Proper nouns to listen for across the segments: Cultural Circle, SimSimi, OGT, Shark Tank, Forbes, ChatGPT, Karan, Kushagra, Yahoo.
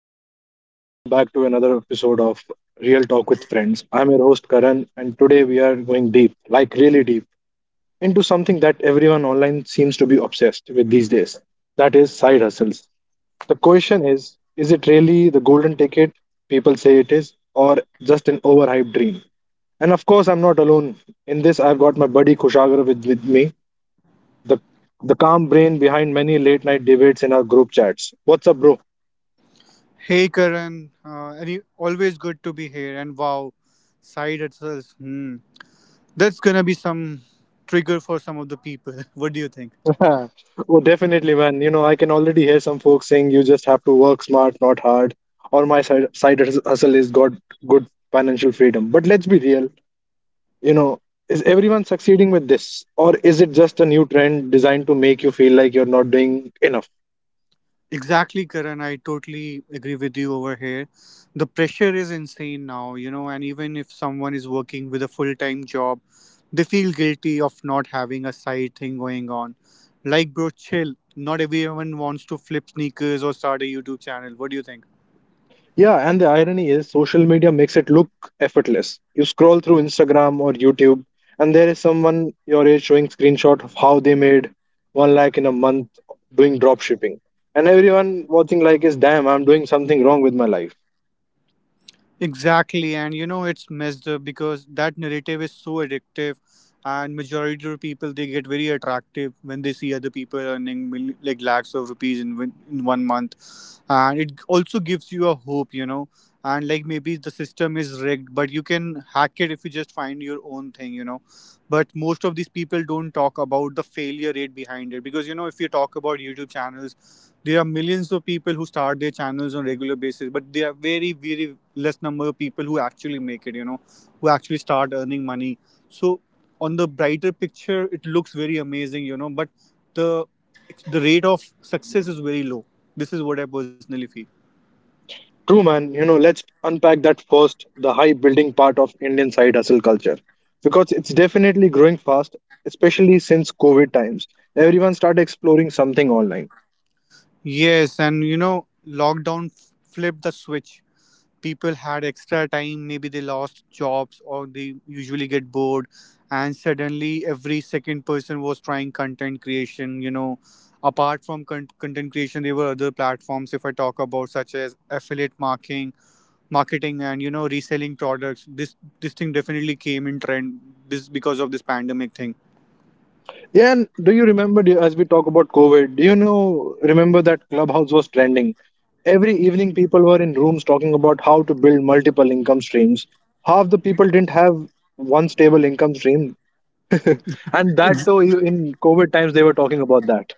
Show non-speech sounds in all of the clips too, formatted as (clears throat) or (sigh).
what's up, everyone? Welcome back to another episode of Real Talk with Friends. I'm your host, Karan, and today we are going deep, like really deep, into something that everyone online seems to be obsessed with these days, that is, side hustles. The question is it really the golden ticket people say it is, or just an overhyped dream? And of course, I'm not alone. In this, I've got my buddy Kushagra with, me, the, the calm brain behind many late night debates in our group chats. What's up, bro? Hey Karan, any always good to be here. And wow, side hustles. Hmm, that's gonna be some trigger for some of the people. (laughs) What do you think? (laughs) Huh. Oh, definitely, man. You know, I can already hear some folks saying you just have to work smart, not hard, or my side, hustle is got good financial freedom. But let's be real. You know, is everyone succeeding with this, or is it just a new trend designed to make you feel like you're not doing enough? Exactly, Karan. I totally agree with you over here. The pressure is insane now, you know. And even if someone is working with a full-time job, they feel guilty of not having a side thing going on. Like, bro, chill. Not everyone wants to flip sneakers or start a YouTube channel. What do you think? Yeah, and the irony is social media makes it look effortless. You scroll through Instagram or YouTube, and there is someone your age showing screenshot of how they made one lakh in a month doing drop shipping. And everyone watching like is damn, I'm doing something wrong with my life. Exactly, and you know it's messed up because that narrative is so addictive, and majority of people they get very attractive when they see other people earning lakhs of rupees in 1 month, and it also gives you a hope, you know, and like maybe the system is rigged, but you can hack it if you just find your own thing, you know. But most of these people don't talk about the failure rate behind it, because you know if you talk about YouTube channels, there are millions of people who start their channels on regular basis, but there are very, very less number of people who actually make it, you know, who actually start earning money. So on the brighter picture, it looks very amazing, you know, but the the rate of success is very low. This is what I personally feel. True man, you know, let's unpack that first, the high building part of Indian side hustle culture. Because it's definitely growing fast, especially since COVID times. Everyone started exploring something online. Yes, and you know, flipped the switch. People had extra time, maybe they lost jobs or they usually get bored, and suddenly every second person was trying content creation, you know. Apart from content creation there were other platforms, if I talk about, such as affiliate marketing marketing, and you know, reselling products. This thing definitely came in trend, this because of this pandemic thing. Yeah, and do you remember, do as we talk about COVID? Do you know remember that Clubhouse was trending? Every evening, people were in rooms talking about how to build multiple income streams. Half the people didn't have one stable income stream, and that too in COVID times they were talking about that.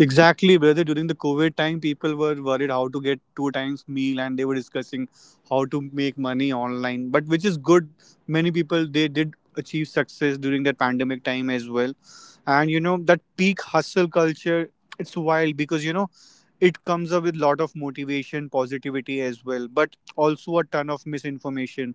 Exactly, brother. During the COVID time, people were worried how to get two times meal, and they were discussing how to make money online. But which is good. Many people they did achieve success during that pandemic time as well. And you know that peak hustle culture, it's wild because you know it comes up with lot of motivation, positivity as well, but also a ton of misinformation.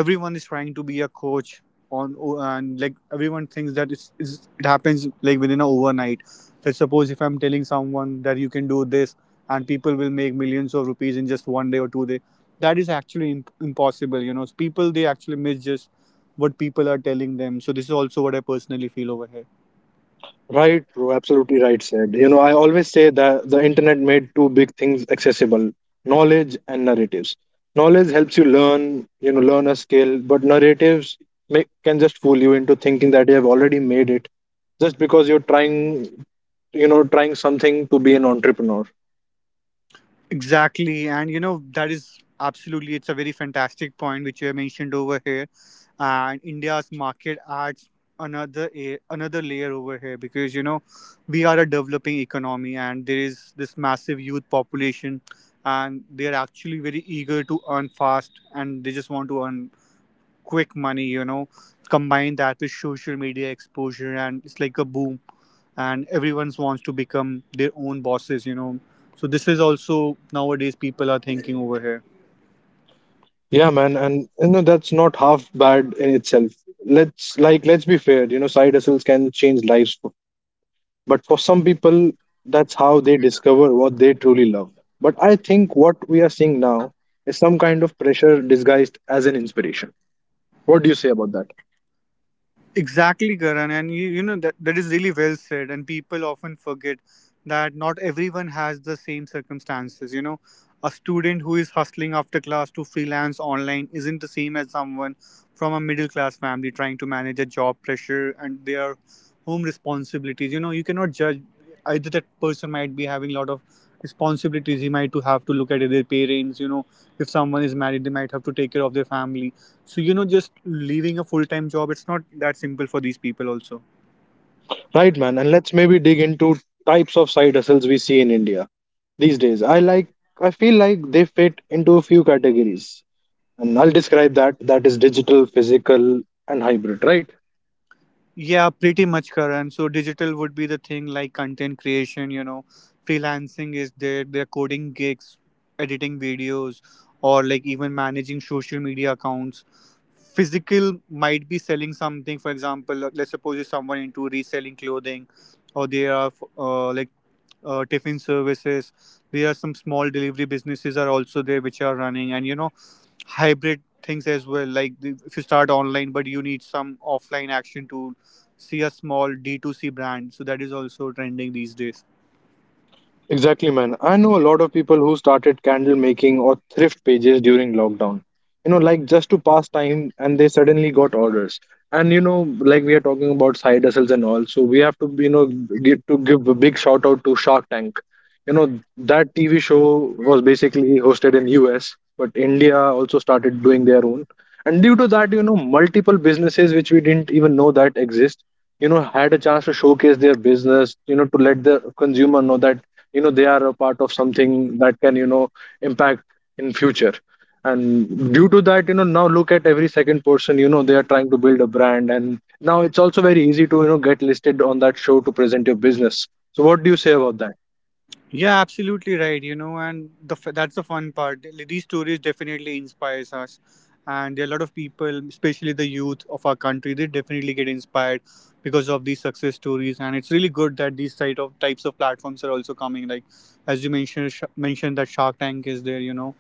Everyone is trying to be a coach, on, and like everyone thinks that it happens like within a overnight. Let's suppose if I'm telling someone that you can do this and people will make millions of rupees in just 1 day or 2 day, that is actually impossible. You know, people they actually miss just what people are telling them, so this is also what I personally feel over here. Right, bro. Absolutely right said. You know, I always say that the internet made two big things accessible: knowledge and narratives. Knowledge helps you learn, you know, learn a skill, but narratives can just fool you into thinking that you have already made it just because you're trying, you know, trying something to be an entrepreneur. Exactly. And you know, that is absolutely, it's a very fantastic point which you have mentioned over here. And India's market adds another another layer over here, because you know we are a developing economy and there is this massive youth population, and they are actually very eager to earn fast, and they just want to earn quick money, you know. Combine that with social media exposure, and it's like a boom, and everyone wants to become their own bosses, you know. So this is also nowadays people are thinking over here. Yeah, man, and you know that's not half bad in itself. Let's like, let's be fair, you know side hustles can change lives, but for some people that's how they discover what they truly love. But I think what we are seeing now is some kind of pressure disguised as an inspiration. What do you say about that? Exactly, Karan, and you know that that is really well said. And people often forget that not everyone has the same circumstances. You know, a student who is hustling after class to freelance online isn't the same as someone from a middle class family trying to manage a job pressure and their home responsibilities. You know, you cannot judge, either that person might be having a lot of responsibilities. He might to have to look at their parents. You know, if someone is married, they might have to take care of their family, so, you know, just leaving a full time job, it's not that simple for these people, also. Right man, and let's maybe dig into types of side hustles we see in India these days. I like, I feel like they fit into a few categories, and I'll describe that, that is digital, physical, and hybrid, right? Yeah, pretty much, Karan. So digital would be the thing like content creation, you know, freelancing is there, they're coding gigs, editing videos, or like even managing social media accounts. Physical might be selling something, for example, let's suppose if someone into reselling clothing, or they are uh, like tiffin services. There are some small delivery businesses are also there which are running, and you know hybrid things as well, like if you start online but you need some offline action to see a small D2C brand, so that is also trending these days. Exactly, man. I know a lot of people who started candle making or thrift pages during lockdown. You know, like just to pass time, and they suddenly got orders. And you know, like we are talking about side hustles and all, so we have to, you know, get to give a big shout out to Shark Tank. You know, that TV show was basically hosted in US, but India also started doing their own. And due to that, you know, multiple businesses which we didn't even know that exist, you know, had a chance to showcase their business, you know, to let the consumer know that, you know, they are a part of something that can, you know, impact in future. And due to that, you know, now look at every second person, you know, they are trying to build a brand, and now it's also very easy to, you know, get listed on that show to present your business. So what do you say about that? Yeah, absolutely right. You know, and that's the fun part. These stories definitely inspires us, and there are a lot of people, especially the youth of our country, they definitely get inspired because of these success stories. And it's really good that these type of types of platforms are also coming. Like as you mentioned, mentioned that Shark Tank is there. You know,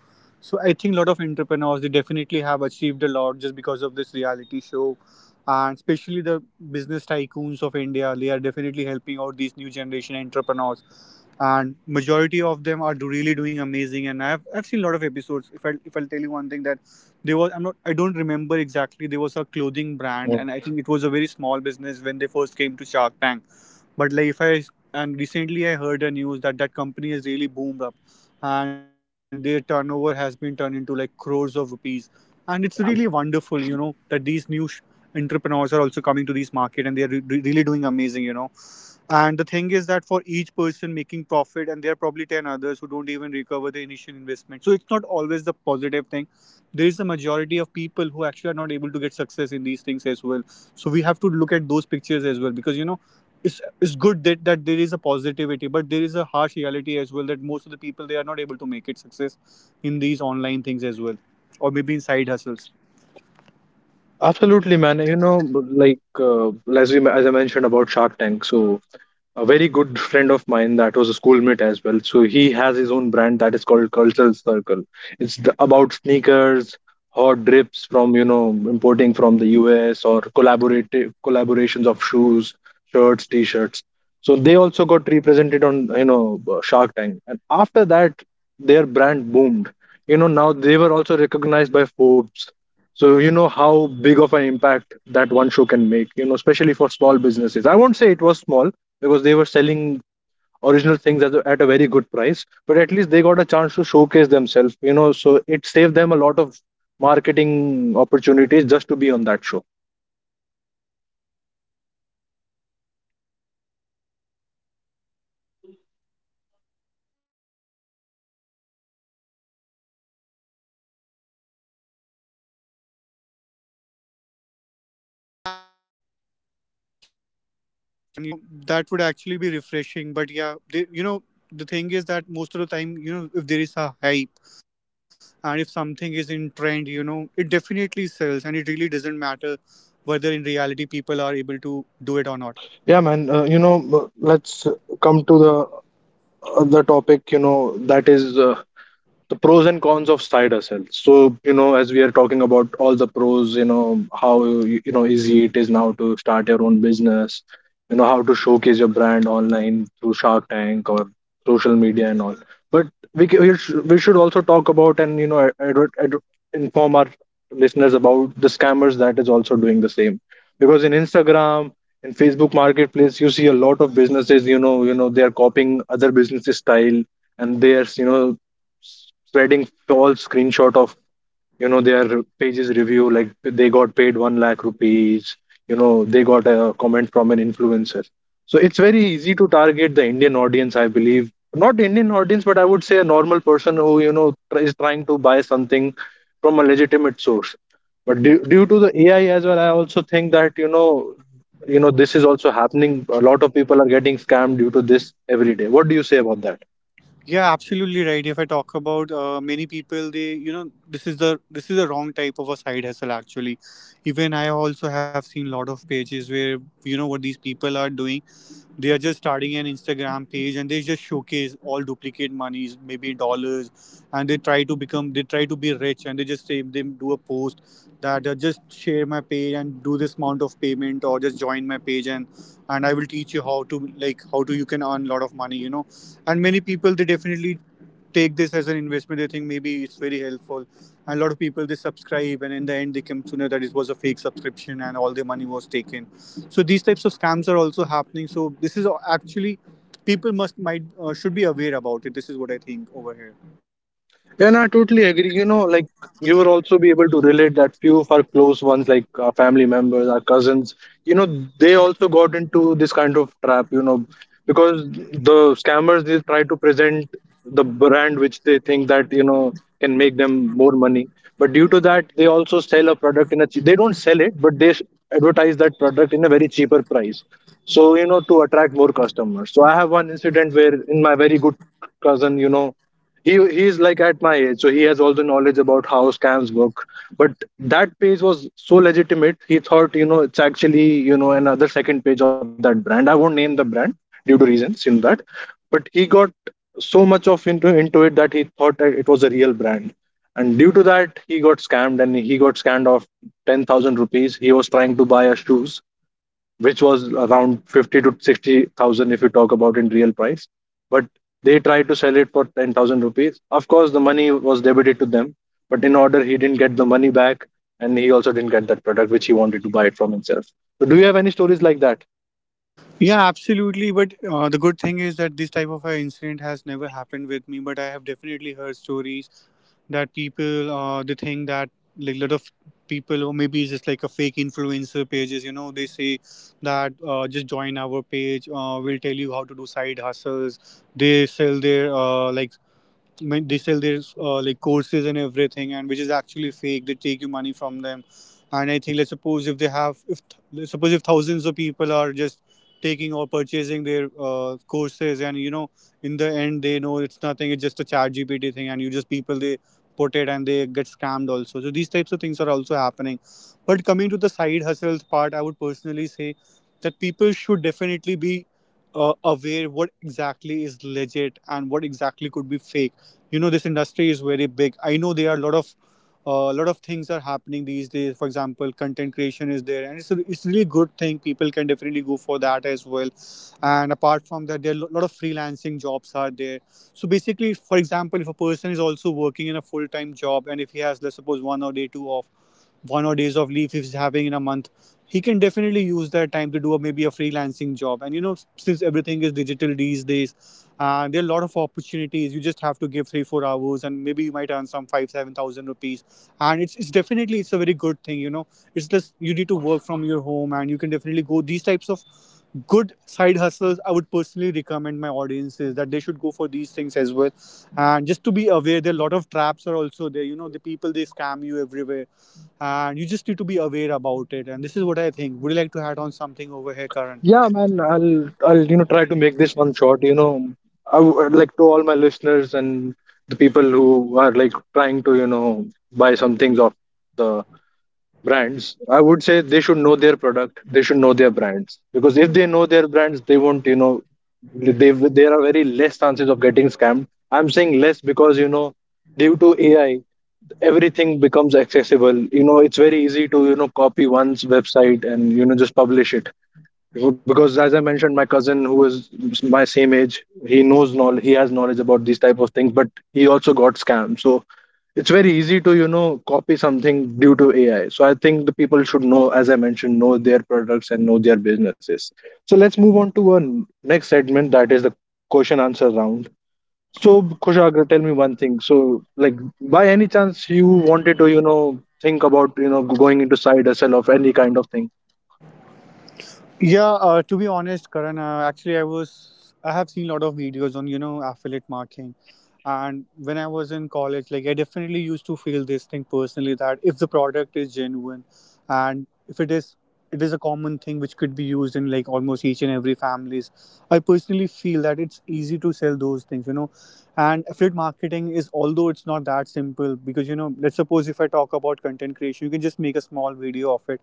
so I think a lot of entrepreneurs they definitely have achieved a lot just because of this reality show. And especially the business tycoons of India, they are definitely helping out these new generation entrepreneurs, and majority of them are really doing amazing, and I've seen a lot of episodes. If I'll tell you one thing, that there was, I don't remember exactly, there was a clothing brand Mm. and I think it was a very small business when they first came to Shark Tank, but like if I and recently I heard a news that that company has really boomed up, and their turnover has been turned into like crores of rupees, and it's really wonderful, you know, that these entrepreneurs are also coming to this market and they are really doing amazing, you know. And the thing is that for each person making profit, and there are probably 10 others who don't even recover the initial investment. So it's not always the positive thing. There is a majority of people who actually are not able to get success in these things as well. So we have to look at those pictures as well, because you know it's good that, that there is a positivity, but there is a harsh reality as well, that most of the people they are not able to make it success in these online things as well, or maybe in side hustles. Absolutely, man. You know, like as we as I mentioned about Shark Tank, so a very good friend of mine that was a schoolmate as well. So he has his own brand that is called Cultural Circle. It's the, about sneakers, hot drips from, you know, importing from the US or collaborative collaborations of shoes, shirts, t-shirts. So they also got represented on, you know, Shark Tank, and after that, their brand boomed. You know, now they were also recognized by Forbes. So you know how big of an impact that one show can make, you know, especially for small businesses. I won't say it was small because they were selling original things at a very good price, but at least they got a chance to showcase themselves, you know, so it saved them a lot of marketing opportunities just to be on that show. Yeah, absolutely right, Karan. You know, that would actually be refreshing. But yeah, the thing is that most of the time, you know, if there is a hype and if something is in trend, you know, it definitely sells and it really doesn't matter whether in reality people are able to do it or not. Yeah man, you know let's come to the other topic, you know, that is, the pros and cons of cider cells. So you know as we are talking about all the pros, you know how, you know, easy it is now to start your own business, you know how to showcase your brand online through Shark Tank or social media and all. But we ca- we sh- we should also talk about and, you know, inform our listeners about the scammers that is also doing the same. Because in Instagram, in Facebook marketplace, you see a lot of businesses, you know, they are copying other businesses style, and there's, you know, spreading false screenshot of, you know, their pages review, like they got paid 1 lakh rupees, you know they got a comment from an influencer. So it's very easy to target the Indian audience, I believe, not Indian audience, but I would say a normal person who, you know, is trying to buy something from a legitimate source. But due to the AI as well, I also think that, you know, this is also happening, a lot of people are getting scammed due to this every day. What do you say about that? Yeah, absolutely right. If I talk about many people, this is the wrong type of a side hustle actually. Even I also have seen lot of pages where you know what these people are doing, they are just starting an Instagram page and they just showcase all duplicate monies, maybe dollars, and they try to be rich, and they just say they do a post that just share my page and do this amount of payment, or just join my page and I will teach you how to, like how to you can earn a lot of money, you know. And many people, they definitely take this as an investment. They think maybe it's very helpful. And a lot of people, they subscribe, and in the end, they come to know that it was a fake subscription and all their money was taken. So these types of scams are also happening. So this is actually, people must might should be aware about it. This is what I think over here. Yeah, no, I totally agree. You know, like you will also be able to relate that few of our close ones, like our family members, our cousins, you know, they also got into this kind of trap, you know, because the scammers they try to present the brand which they think that, you know, can make them more money. But due to that, they also sell a product in a cheap, they don't sell it, but they advertise that product in a very cheaper price. So, you know, to attract more customers. So I have one incident where in my very good cousin, you know, he's like at my age, so he has all the knowledge about how scams work. But that page was so legitimate, he thought, you know, it's actually, you know, another second page of that brand. I won't name the brand due to reasons, you know, that. But he got so much of into it that he thought that it was a real brand. And due to that he got scammed, and he got scammed of 10,000 rupees. He was trying to buy a shoes which was around 50 to 60,000 if you talk about in real price. But they tried to sell it for 10,000 rupees. Of course, the money was debited to them, but in order, he didn't get the money back, and he also didn't get that product which he wanted to buy it from himself. So, do you have any stories like that? Yeah, absolutely. But the good thing is that this type of an incident has never happened with me. But I have definitely heard stories that people they think that, like, a lot of people, or maybe it's just like a fake influencer pages, you know, they say that just join our page, we'll tell you how to do side hustles. They sell their like they sell their like courses and everything, and which is actually fake. They take your money from them. And I think, let's suppose if they have, if th- suppose if thousands of people are just taking or purchasing their courses, and you know, in the end they know it's nothing, it's just a chat GPT thing, and you just, people, they put it and they get scammed also. So these types of things are also happening. But coming to the side hustle part, I would personally say that people should definitely be aware what exactly is legit and what exactly could be fake. You know, this industry is very big. I know there are a lot of things are happening these days. For example, content creation is there, and it's really good thing, people can definitely go for that as well. And apart from that, there are a lot of freelancing jobs are there. So basically, for example, if a person is also working in a full time job, and if he has, let's suppose, one or day two off, one or days of leave if he's having in a month, he can definitely use that time to do maybe a freelancing job. And you know, since everything is digital these days, and there are a lot of opportunities, you just have to give 3-4 hours and maybe you might earn some 5-7 thousand rupees. And it's definitely, it's a very good thing, you know. It's just you need to work from your home, and you can definitely go these types of good side hustles. I would personally recommend my audiences that they should go for these things as well. And just to be aware, there are a lot of traps are also there, you know. The people, they scam you everywhere, and you just need to be aware about it. And this is what I think. Would you like to add on something over here, Karan? Yeah, man, I'll, you know, try to make this one short. You know, I would like to all my listeners and the people who are like trying to, you know, buy some things off the brands, I would say they should know their product, they should know their brands. Because if they know their brands they won't, you know, they there are very less chances of getting scammed. I'm saying less because, you know, due to AI everything becomes accessible, you know, it's very easy to, you know, copy one's website and, you know, just publish it. Well, because as I mentioned, my cousin who is my same age, he he has knowledge about these type of things, but he also got scammed. So it's very easy to, you know, copy something due to AI. So I think the people should know, as I mentioned, know their products and know their businesses. So let's move on to our next segment, that is the question answer round. So Kushagra, tell me one thing. So, like, by any chance you wanted to, you know, think about, you know, going into side hustle of any kind of thing? Yeah, to be honest, Karan, actually, I have seen a lot of videos on, you know, affiliate marketing, and when I was in college, like, I definitely used to feel this thing personally that if the product is genuine, and if it is, it is a common thing which could be used in like almost each and every families. I personally feel that it's easy to sell those things, you know, and affiliate marketing is, although it's not that simple, because you know, let's suppose if I talk about content creation, you can just make a small video of it,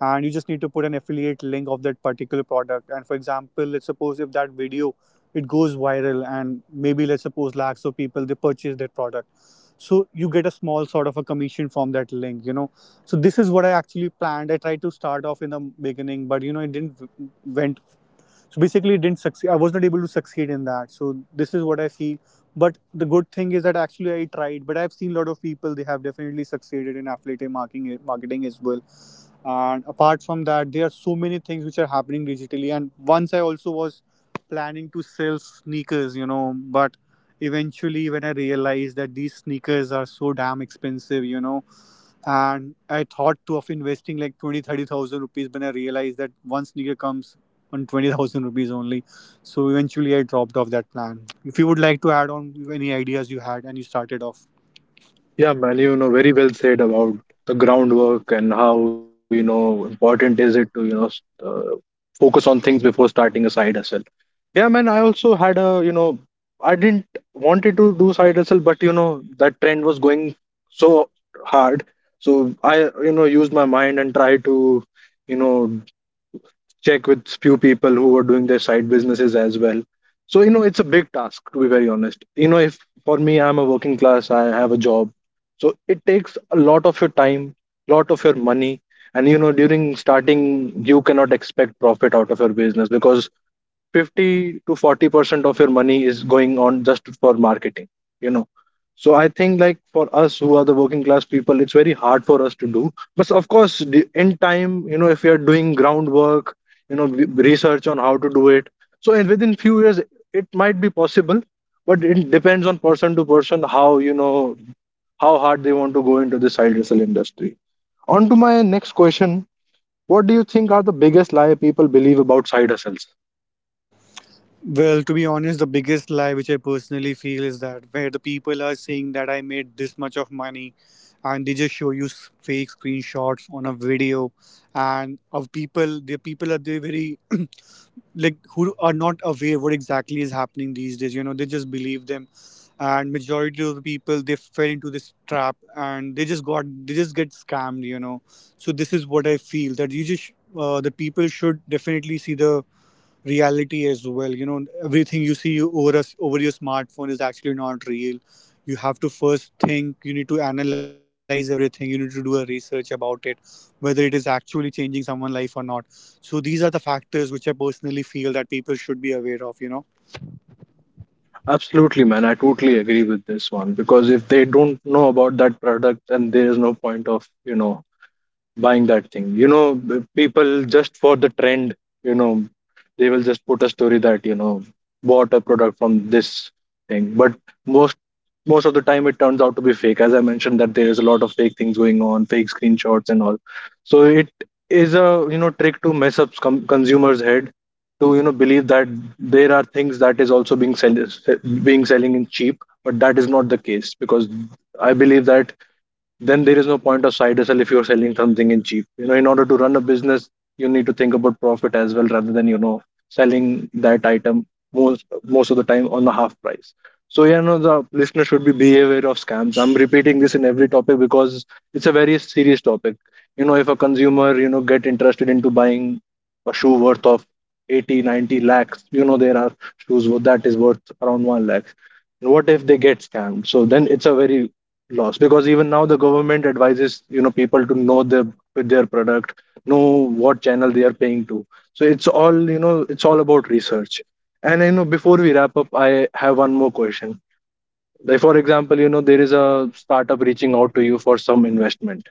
and you just need to put an affiliate link of that particular product. And for example, let's suppose if that video, it goes viral and maybe, let's suppose, lakhs of people they purchase that product, so you get a small sort of a commission from that link, you know. So this is what I actually planned. I tried to start off in the beginning, but you know, it didn't went, so basically it didn't succeed. I was not able to succeed in that. So this is what I feel. But the good thing is that actually I tried, but I've seen a lot of people, they have definitely succeeded in affiliate marketing as well. And apart from that, there are so many things which are happening digitally. And once I also was planning to sell sneakers, you know, but eventually when I realized that these sneakers are so damn expensive, you know, and I thought to of investing like 20, 30,000 rupees, when I realized that one sneaker comes on 20,000 rupees only. So eventually I dropped off that plan. If you would like to add on any ideas you had and you started off. Yeah, man, you know, very well said about the groundwork and how, you know, important is it to, you know, focus on things before starting a side hustle. Yeah, man, I also had a, you know, I didn't wanted to do side hustle, but, you know, that trend was going so hard. So I, used my mind and tried to, you know, check with few people who are doing their side businesses as well, so it's a big task, to be very honest. If For me, I'm a working class, I have a job, so it takes a lot of your time, lot of your money. And during starting, you cannot expect profit out of your business, because 50 to 40% of your money is going on just for marketing you know so I think, like, for us who are the working class people, it's very hard for us to do. But of course, in time, if you are doing groundwork, research on how to do it, so in within few years it might be possible. But it depends on person to person, how how hard they want to go into this side hustle industry. On to my next question: what do you think are the biggest lie people believe about side hustles? Well, to be honest, the biggest lie which I personally feel is that where the people are saying that I made this much of money, and they just show you fake screenshots on a video. And of people, the people are they very (clears throat) like, who are not aware what exactly is happening these days, you know, they just believe them, and majority of the people they fell into this trap, and they just get scammed, you know. So this is what I feel, that you just, the people should definitely see the reality as well. You know, everything you see over us, over your smartphone, is actually not real. You have to first think, you need to analyze everything, you need to do a research about it, whether it is actually changing someone's life or not. So these are the factors which I personally feel that people should be aware of, you know. Absolutely, man. I totally agree with this one, because if they don't know about that product, then there is no point of, buying that thing. You know, people, just for the trend, you know, they will just put a story that, bought a product from this thing. But most most of the time it turns out to be fake. As I mentioned, that there is a lot of fake things going on, fake screenshots and all. So it is a, trick to mess up consumers' head, to, believe that there are things that is also being being selling in cheap. But that is not the case, because I believe that then there is no point of side hustle if you're selling something in cheap, you know, in order to run a business, you need to think about profit as well, rather than, selling that item most of the time on the half price. So yeah, no, the listener should be aware of scams. I'm repeating this in every topic, because it's a very serious topic. You know, if a consumer, get interested into buying a shoe worth of 80, 90 lakhs, you know, there are shoes that is worth around 1 lakh, and what if they get scammed? So then it's a very loss, because even now the government advises, you know, people to know their product, know what channel they are paying to. So it's all, you know, it's all about research. And, you know, before we wrap up, I have one more question. Like, for example, you know, there is a startup reaching out to you for some investment,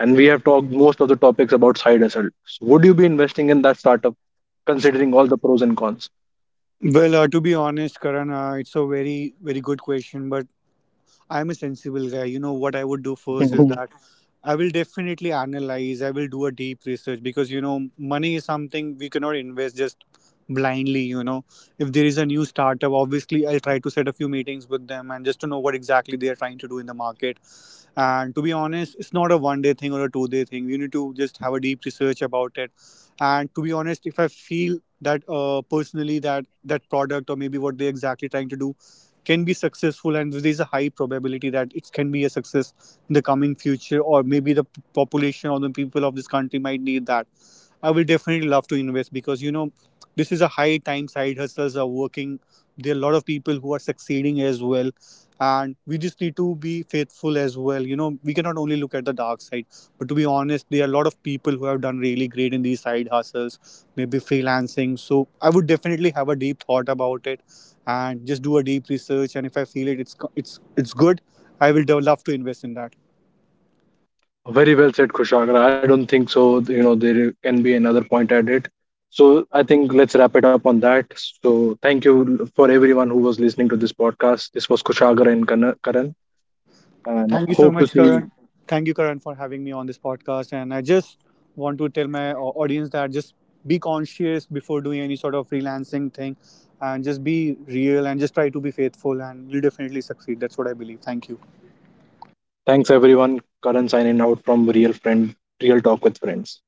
and we have talked most of the topics about side hustles. Would you be investing in that startup, considering all the pros and cons? Well, to be honest, Karan, it's a very, very good question. But I'm a sensible guy. You know, what I would do first is (laughs) that I will definitely analyze, I will do a deep research because, you know, money is something we cannot invest just blindly. You know, if there is a new startup, obviously I'll try to set a few meetings with them, and just to know what exactly they are trying to do in the market. And to be honest, it's not a one day thing or a two-day thing. You need to just have a deep research about it. And to be honest, if I feel that personally, that that product, or maybe what they're exactly trying to do, can be successful, and there's a high probability that it can be a success in the coming future, or maybe the population or the people of this country might need that, I will definitely love to invest. Because you know, this is a high time, side hustles are working, there are a lot of people who are succeeding as well. And we just need to be faithful as well, you know, we cannot only look at the dark side. But to be honest, there are a lot of people who have done really great in these side hustles, maybe freelancing. So I would definitely have a deep thought about it, and just do a deep research. And if I feel it, it's good, love to invest in that. Very well said, Kushagra. I don't think so. You know, there can be another point at it. So I think let's wrap it up on that. So thank you for everyone who was listening to this podcast. This was Kushagra and Karan, and Thank you so hope to much, see you. Karan. Thank you, Karan, for having me on this podcast. And I just want to tell my audience that just be conscious before doing any sort of freelancing thing, and just be real, and just try to be faithful, and you'll definitely succeed. That's what I believe. Thank you. Thanks, everyone. Karan signing out from Real Friend, Real Talk with Friends.